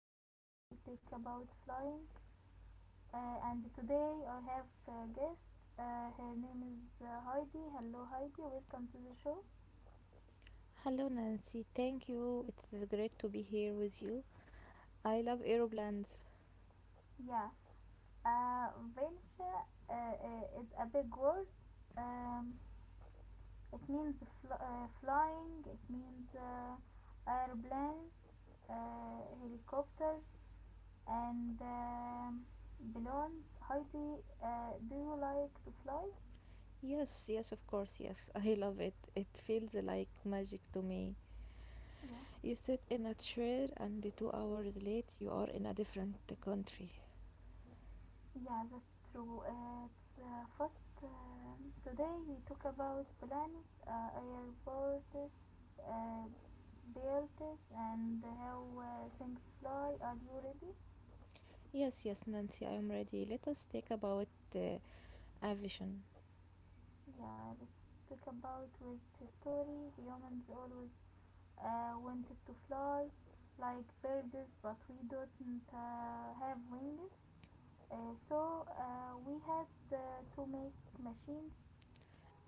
going to take about flying. And today I have a guest. Her name is Heidi. Hello, Heidi. Welcome to the show. Hello, Nancy. Thank you. It's great to be here with you. I love aeroplanes. Yeah. Uh, vulture is a big word. Um, it means flying. It means airplanes, helicopters, and balloons. Heidi, do you like to fly? Yes, yes, of course, yes. I love it. It feels like magic to me. Yeah. You sit in a chair, and 2 hours late, you are in a different country. Yeah, that's true. It's first today we talk about planets, airports, uh, buildings, and how things fly. Are you ready? Yes, yes, Nancy, I am ready. Let us talk about uh, aviation. Yeah, let's talk about with history. Humans always wanted to fly like birds, but we didn't have wings. So we had to make machines.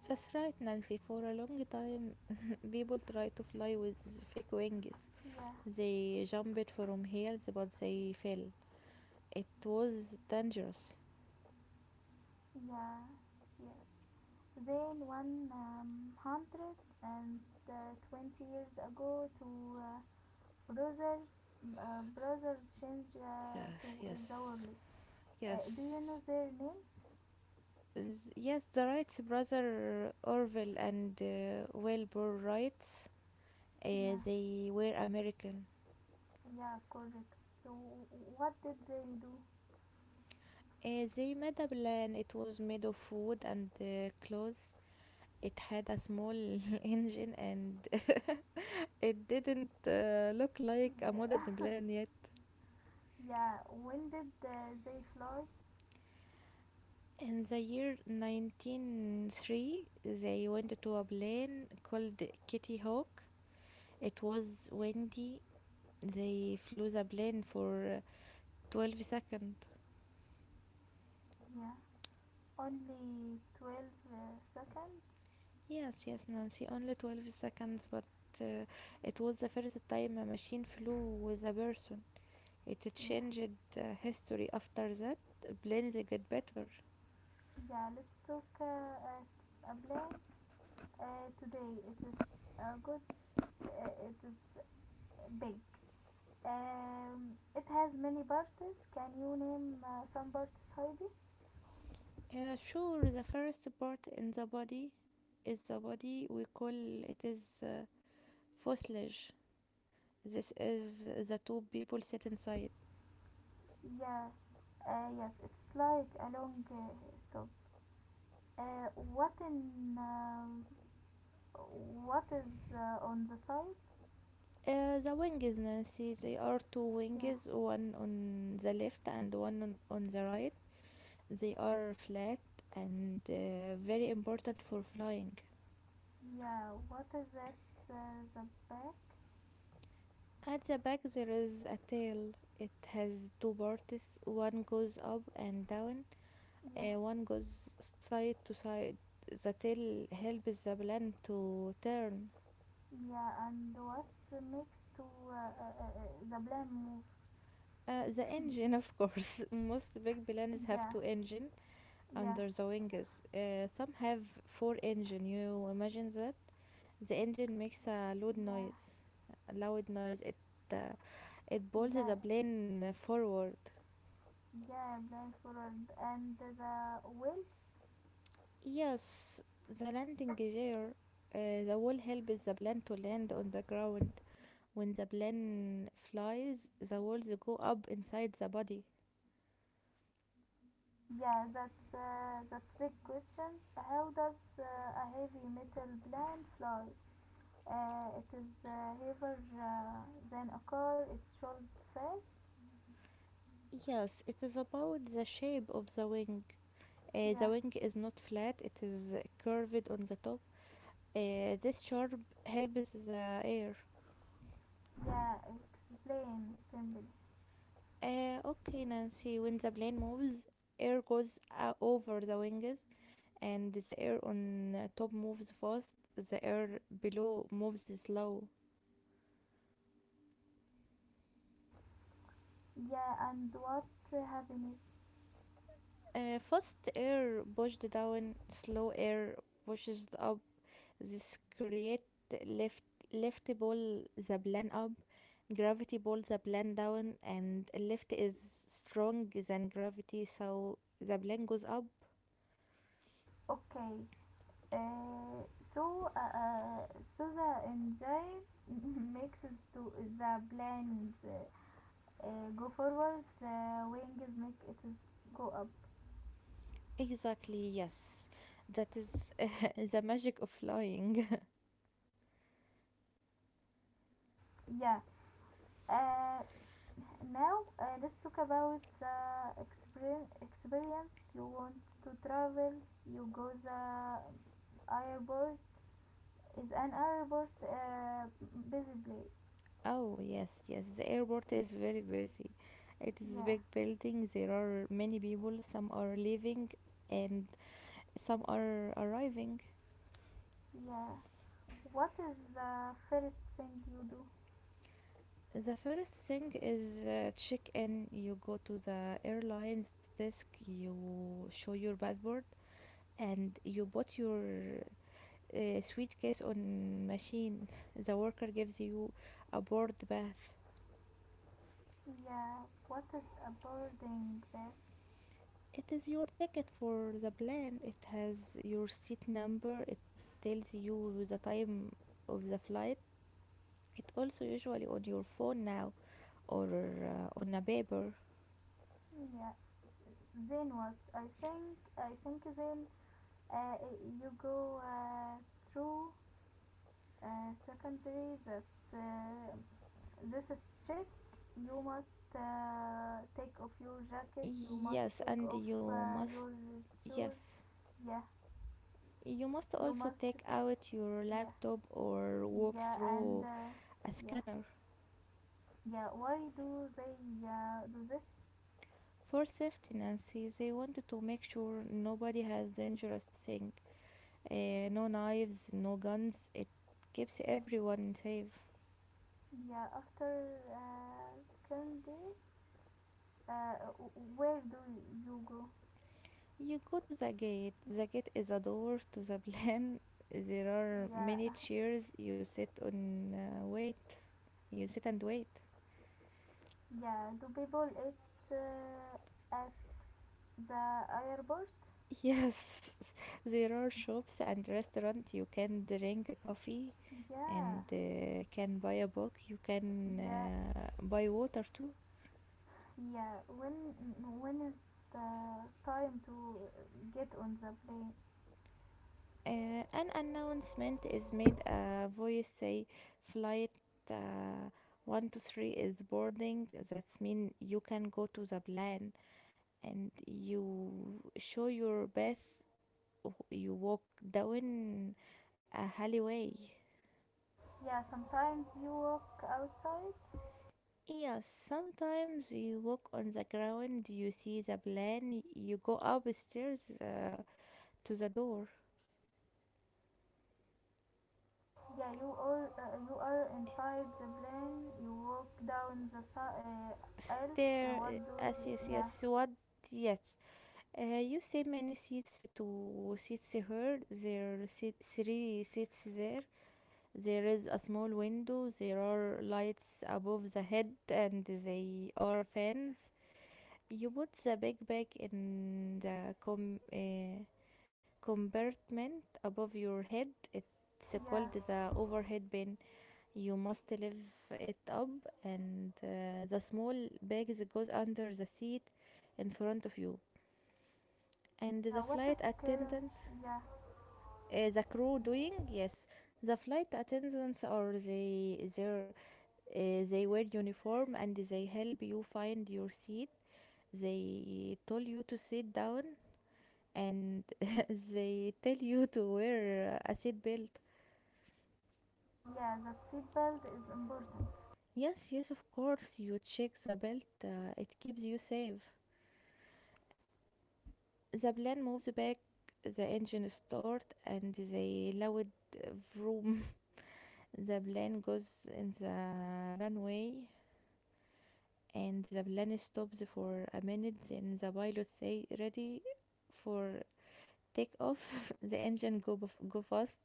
That's right, Nancy. For a long time, people try to fly with fake wings. Yeah, They jumped from hills, but they fell. It was dangerous. yeah, yeah. Then, one hundred and twenty years ago, two brothers brothers changed to Yes, yes, Zawrli. Do you yes. know their names? Yes, the Wrights brother Orville and Wilbur Wright, Yeah, they were American. yeah, correct. So, what did they do? They made a plane. It was made of wood and cloth. It had a small engine and it didn't look like a modern Yeah, plane yet. yeah. When did they fly? In the year 1903, they went to a plane called Kitty Hawk. It was windy. They flew the plane for 12 seconds. Yeah, only 12 seconds. Yes, yes, Nancy, only 12 seconds, but uh, it was the first time a machine flew with a person. It Yeah, changed history after that. Planes get better. yeah. Let's talk a plane. Today it is a good it is big. It has many parts. Can you name some parties, Heidi? Sure, the first part in the body is the body we call it is fuselage. This is the two people sit inside. Yeah. Yes, it's like a long top. Uh, what in um, what is on the side? The wings, Nancy, they are two Yeah. wings, one on the left and one on the right. They are flat and very important for flying. Yeah. What is at the back? At the back, there is a tail. It has two parts. One goes up and down, Yeah. One goes side to side. The tail helps the plane to turn. Yeah. And what makes to the blame move? The engine, of course. Most big planes have Yeah. two engine Yeah. under the wings. Some have four engine. You imagine that the engine makes a loud Yeah. noise. A loud noise. Uh, it pulls the Bla- plane forward. Yeah, blind forward. And the wheels? Yes, the landing gear. The wall helps the plane to land on the ground. When the plane flies, the walls go up inside the body. Yeah, that's big questions. How does a heavy metal plane fly? It is heavier than a car. It should fail. Yes, it is about the shape of the wing. Yeah, The wing is not flat, it is curved on the top. This sharp helps the air. yeah. Explain simply. Okay, Nancy, when the plane moves, air goes over the wings, and the air on top moves fast, the air below moves slow. Yeah, and what happens? Fast air pushed down, slow air pushes up. This create lift. Lift ball the plane up, gravity pulls the plane down, and lift is strong than gravity, so the plane goes up. Okay. Uh, so, uh, uh, so the engine makes it to the planes go forward, the wings make it go up. Exactly, yes. That is the magic of flying. Yeah. Uh, now let's talk about the experience you want to travel. You go the airport is an airport busy place. Oh, yes, yes. The airport is very busy. It is a Yeah, big building. There are many people. Some are leaving and some are arriving. yeah. What is the first thing you do? The first thing is check in. You go to the airline's desk, you show your passport, and you put your suitcase on machine. The worker gives you a board bath. Yeah. What is a boarding pass? It is your ticket for the plane. It has your seat number. It tells you the time of the flight. It also usually on your phone now or on a paper. Yeah. Then what? I think then uh, you go through secondary that uh, this is check. You must take off your jacket. You must Yes, take and off you must, your shoes. yes. Yeah, You must you also must. take out your Yeah, laptop or walk yeah, and through a yeah, scanner. yeah, why do they do this? For safety, Nancy, they wanted to make sure nobody has dangerous thing. No knives, no guns. It keeps everyone safe. Yeah, after secondary uh, where do you go? You go to the gate. The gate is a door to the plan. There are Yeah. many chairs. You sit and wait. You sit and wait. Yeah, do people eat uh, at the airport? Yes, there are shops and restaurants. You can drink a coffee Yeah, and can buy a book. You can yeah, buy water too. yeah. When is the time to get on the plane? An announcement is made. A voice say, "Flight uh, 123 is boarding." That's mean you can go to the plan, and you show your bath. You walk down a alleyway. Yeah, sometimes you walk outside. Yes, sometimes you walk on the ground, you see the plan, you go upstairs to the door. Yeah, you are inside the plane. You walk down the aisles. Stair, What do? Yes, yes, yes, Yeah, what, yes, you see many seats. To seats here There are three seats there. There is a small window, there are lights above the head, and they are fans. You put the bag in the compartment above your head. It's yeah, called the overhead bin. You must lift it up, and the small bags goes under the seat in front of you. And yeah. the What is flight current? attendants, Yeah, the crew doing, yes, the flight attendants are they wear uniform and they help you find your seat. They told you to sit down and they tell you to wear a seat belt. yeah. The seatbelt is important. Yes, yes, of course, you check the belt, it keeps you safe. The plane moves back, the engine starts, and they loud vroom. The plane goes in the runway, and the plane stops for a minute. Then the pilot say, "Ready for take off." The engine go fast,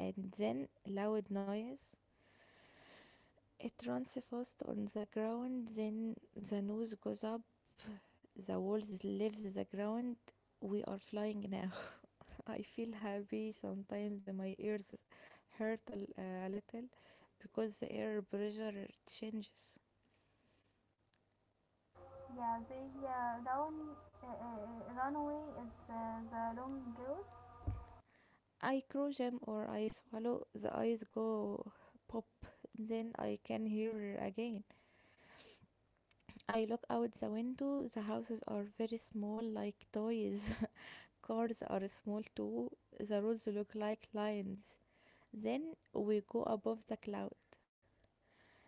and then loud noise. It runs first on the ground, then the nose goes up, the walls leaves the ground. We are flying now. I feel happy. Sometimes my ears hurt a little because the air pressure changes. Yeah, the runway is the long road. I crush them or I swallow, the eyes go pop, then I can hear again. I look out the window. The houses are very small, like toys. Cars are small too. The roads look like lines. Then we go above the cloud.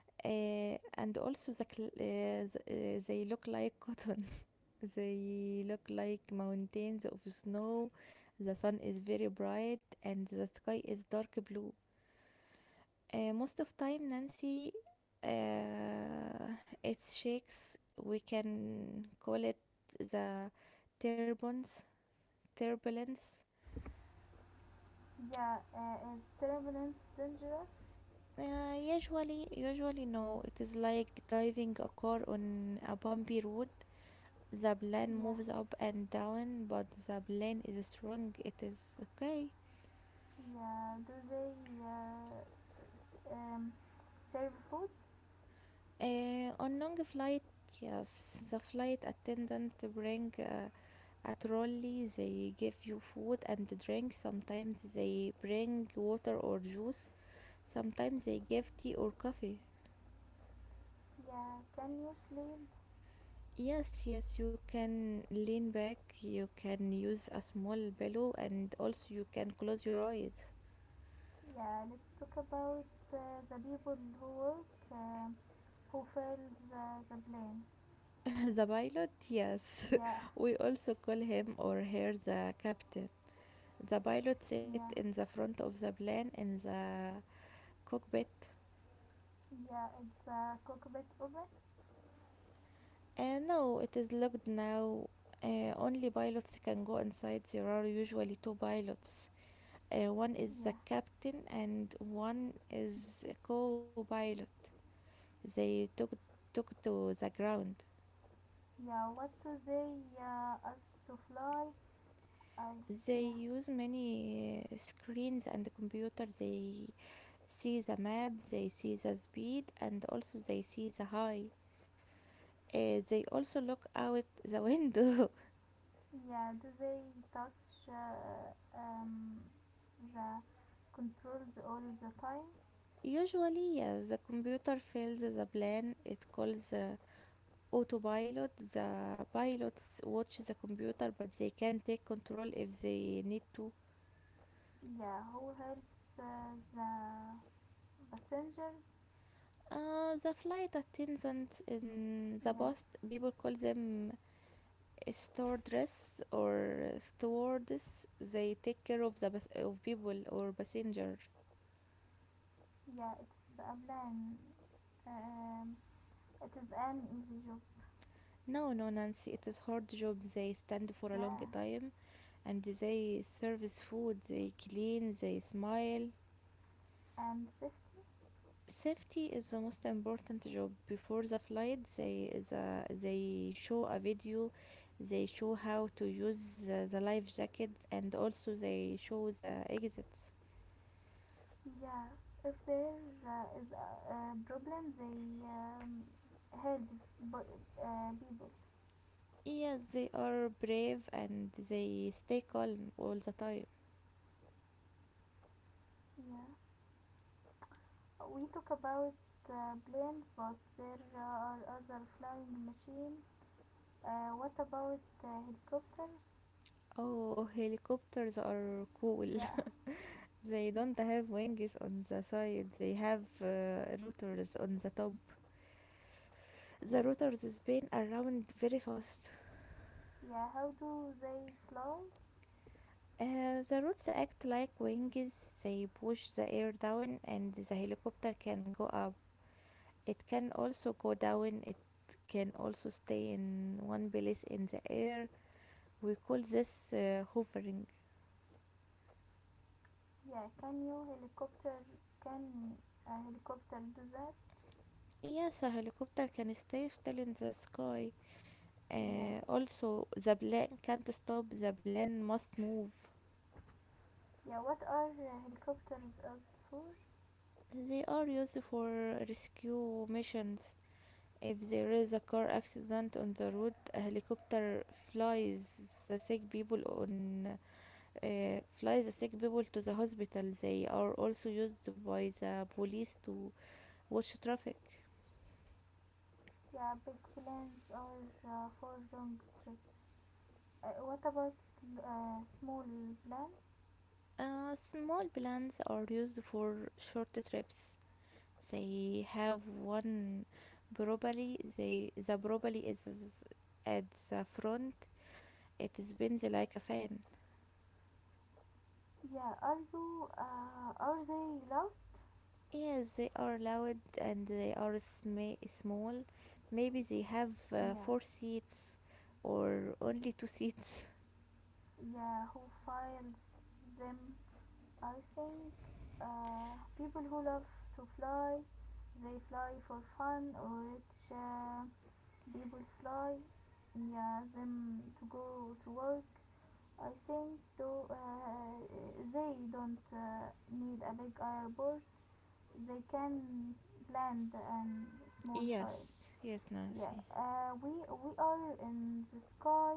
And also the they look like cotton. They look like mountains of snow. The sun is very bright and the sky is dark blue. Most of time, Nancy, uh, it's shakes. We can call it the turbulence. Turbulence. Yeah, is turbulence dangerous? Usually, usually no. It is like driving a car on a bumpy road. The plane Yeah, moves up and down, but the plane is strong. It is okay. yeah. Do they uh, um, serve food? On long flight, yes, the flight attendant bring. At Raleigh, they give you food and drink. Sometimes they bring water or juice. Sometimes they give tea or coffee. Yeah. Can you sleep? Yes, yes, you can lean back, you can use a small pillow, and also you can close your eyes. Yeah. Let's talk about the people who work, who fails the plane. The pilot, yes, Yeah, we also call him or her the captain. The pilot sat yeah, in the front of the plane in the cockpit. yeah. It's a cockpit open. No, it is locked now. Only pilots can go inside. There are usually two pilots. One is the Yeah, captain and one is a co-pilot. They took to the ground. yeah. What do they us to fly? I They Yeah. use many screens and computers. They see the map, they see the speed, and also they see the high. They also look out the window. Yeah, do they touch um, the controls all the time? Usually, yes, the computer fills the plan. It calls the autopilot. The pilots watch the computer, but they can take control if they need to. Yeah, who helps the passengers? The flight attendants in the Yeah, past, people call them stewardess or stewardess. They take care of people or passenger. yeah, it's a plan. Um, it is an easy job. No, no, Nancy, it is hard job. They stand for a long Yeah, time and they serve food. They clean. They smile. and safety? Safety is the most important job. Before the flight they show a video, they show how to use the life jackets, and also they show the exits. Yeah, if there is a problem, they help people. Yes, they are brave and they stay calm all the time. Yeah. We talk about planes, but there are other flying machines. What about helicopters? Oh, helicopters are cool. Yeah, They don't have wings on the side, they have rotors on the top. The rotors spin around very fast. yeah. How do they fly? The roots act like wings, they push the air down and the helicopter can go up. It can also go down, it can also stay in one place in the air. We call this hovering. Yeah, can you helicopter? Can a helicopter do that? Yes, a helicopter can stay still in the sky. Yeah, Also, the plane can't stop, the plane must move. yeah. What are helicopters up for? They are used for rescue missions. If there is a car accident on the road, a helicopter flies the sick people on flies the sick people to the hospital. They are also used by the police to watch traffic. Yeah, big planes are for long trips. What about small planes? Small planes are used for short trips. They have one probably, the probably is at the front. It spins like a fan. Yeah, are they loud? Yes, they are loud and they are small. Maybe they have Yeah, four seats or only two seats. yeah, who files them? I think people who love to fly. They fly for fun or rich people fly. Yeah, them to go to work. I think though they don't need a big airport. They can land and small fire. Yes, yes, Yeah, Nancy. We are in the sky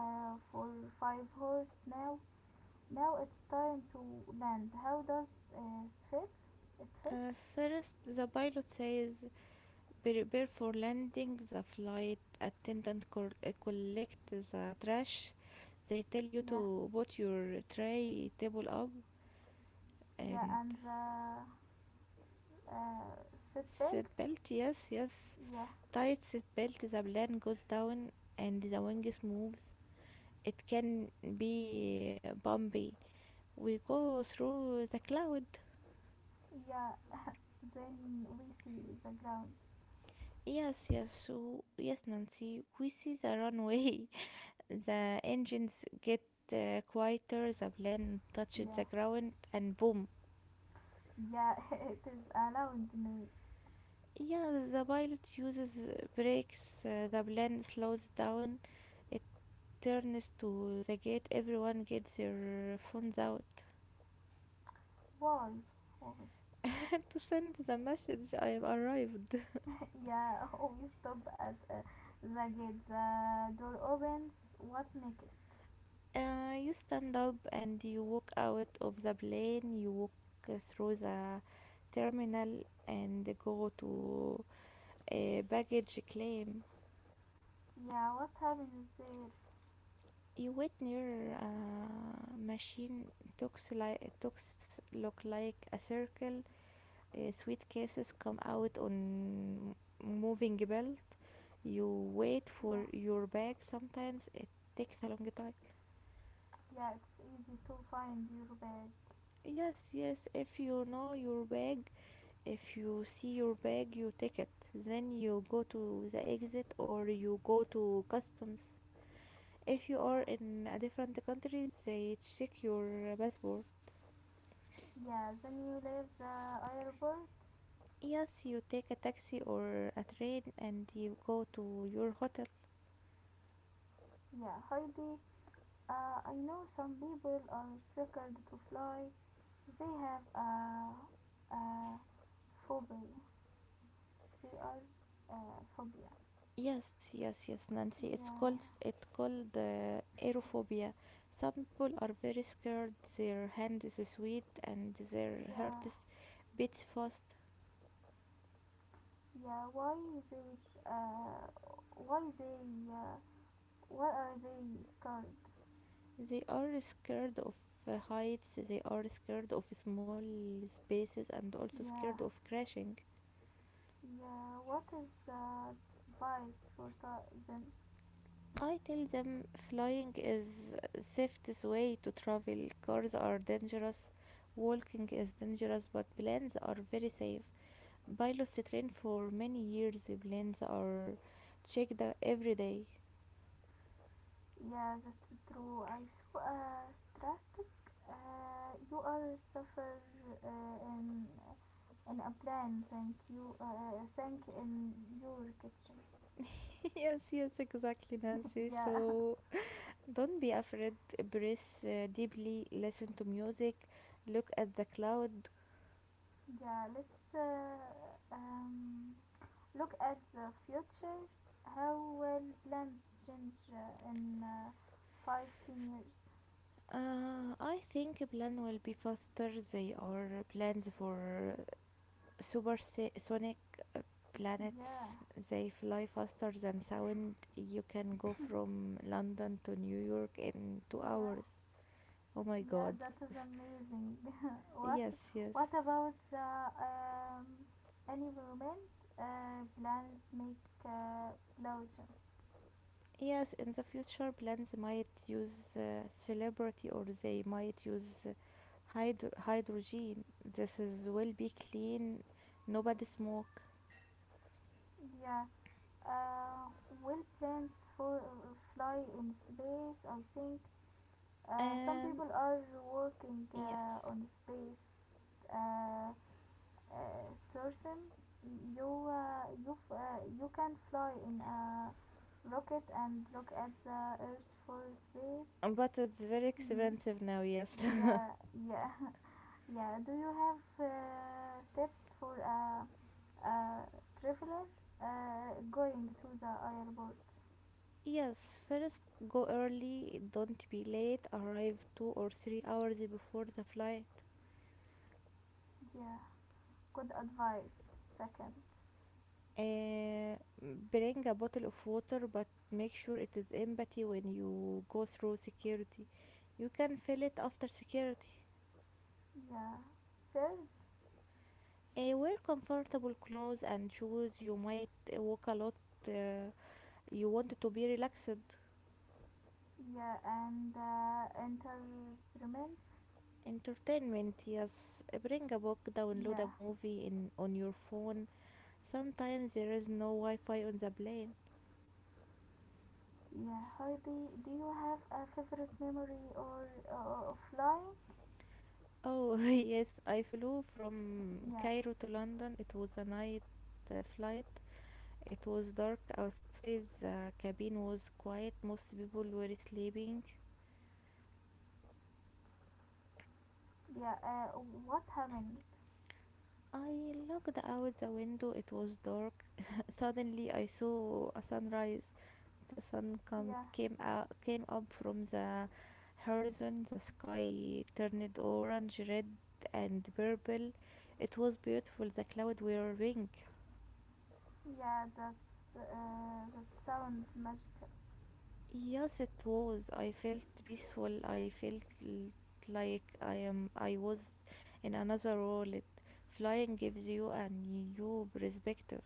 for 5 hours. Now it's time to land. How does it fit? It fit? First, the pilot says, prepare for landing. The flight attendant collect the trash. They tell you Yeah, to put your tray table up yeah, and and the uh, seat seat belt. belt. Yes, yes. Yeah, Tight seat belt. The plane goes down and the wings moves. It can be bumpy. We go through the cloud. yeah. Then we see the ground. Yes, yes, yes, Nancy. We see the runway. The engines get quieter, the plane touches the Yeah, ground, and boom. yeah. It is around me. Yeah, the pilot uses brakes, the plane slows down, it turns to the gate, everyone gets their phones out Why? Why? to send the message I have arrived. yeah. We stop at the gate. The door opens. What next? You stand up and you walk out of the plane, you walk through the terminal and go to a baggage claim. Yeah. What happens there? You wait near a machine talks look like a circle. Suitcases come out on moving belt. You wait Yeah, for your bag. Sometimes it takes a long time. yeah. It's easy to find your bag. Yes, yes. If you know your bag, If you see your bag, you take it. Then you go to the exit or you go to customs. If you Yeah. are in a different country, they check your passport. Yeah, then you leave the airport. Yes, you take a taxi or a train and you go to your hotel. Yeah, Heidi, I know some people are scared to fly. They have a phobia. They are phobia. Yes, yes, yes, Nancy. It's Yeah, called aerophobia. Some people are very scared. Their hand is sweet and their yeah, heart is beats fast. yeah. Why they? Uh, why they? Why are they scared? They are scared of heights, they are scared of small spaces, and also Yeah, scared of crashing. yeah. What is the advice for them? I tell them flying is safest way to travel. Cars are dangerous, walking is dangerous, but planes are very safe. Pilots train for many years. Planes are checked every day. Yeah, that's true. I saw a statistic. You are suffer uh, in in a plan. Thank you. Thank in your kitchen. Yes, yes, exactly, Nancy. yeah, So don't be afraid. Breathe deeply. Listen to music. Look at the cloud. yeah. Let's look at the future. How will plans change in 5, 10 years? I think a plan will be faster. They are plans for supersonic uh, Yeah, planets. They fly faster than sound. You can go from London to New York in 2 hours. yeah. Oh my Yeah, god. that is amazing. what Yes, yes. What about the environment plants make pollution? Yes, in the future, plans might use celebrity or they might use hydrogen. This is will be clean. Nobody smoke. Yeah, uh, will plants fly in space? I think some Um, people are working yes. On space uh, uh, tourism. You can fly in a rocket and look at the Earth for space. But it's very Mm, expensive now, yes. yeah, yeah, yeah. Do you have tips for a traveler going to the airport? Yes, first go early, don't be late, arrive 2 or 3 hours before the flight. Yeah, good advice. Second, Uh, Bring a bottle of water, but make sure it is empty when you go through security. You can fill it after security. yeah, third, Wear comfortable clothes and shoes. You might walk a lot. Uh, you want to be relaxed. yeah, and entertainment. Entertainment, yes. Eh, bring a book, download Yeah, a movie in on your phone. Sometimes there is no Wi Fi on the plane. yeah. Heidi, do you have a favorite memory or of flying? Oh, yes, I flew from Yeah, Cairo to London. It was a night flight. It was dark outside, the cabin was quiet, most people were sleeping. yeah. What happened? I looked out the window, it was dark. Suddenly, I saw a sunrise. The Yeah. came out, came up from the horizon. The sky turned orange, red, and purple. It was beautiful. The clouds were pink. Yeah, that sounds magical. Yes, it was. I felt peaceful. I felt l- like I am. I was in another world. Flying gives you a new perspective.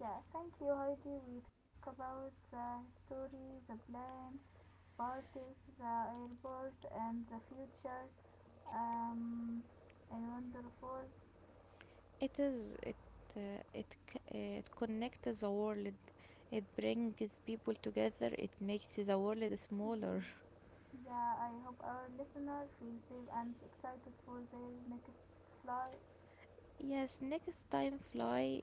Yeah, thank you, Heidi. We talk about the history, the plane, parties, the airport, and the future. Um, and wonderful. It is it it c- It connects the world. It brings people together. It makes the world smaller. Yeah, I hope our listener feel safe and excited for their next flight. Yes,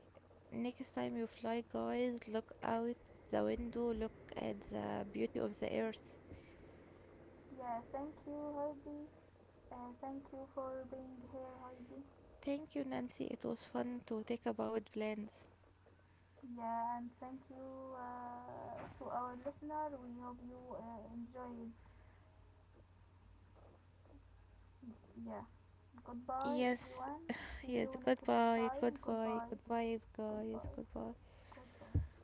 next time you fly, guys, look out the window. Look at the beauty of the earth. Yeah, thank you, Heidi. Thank you for being here, Heidi. Thank you, Nancy. It was fun to talk about plans. Yeah, and thank you to our listener. We hope you enjoyed. Yeah. Goodbye, Yes, everyone. See yes. you next Goodbye, time. goodbye, Goodbye. goodbye, guys. Goodbye. Goodbye. Goodbye.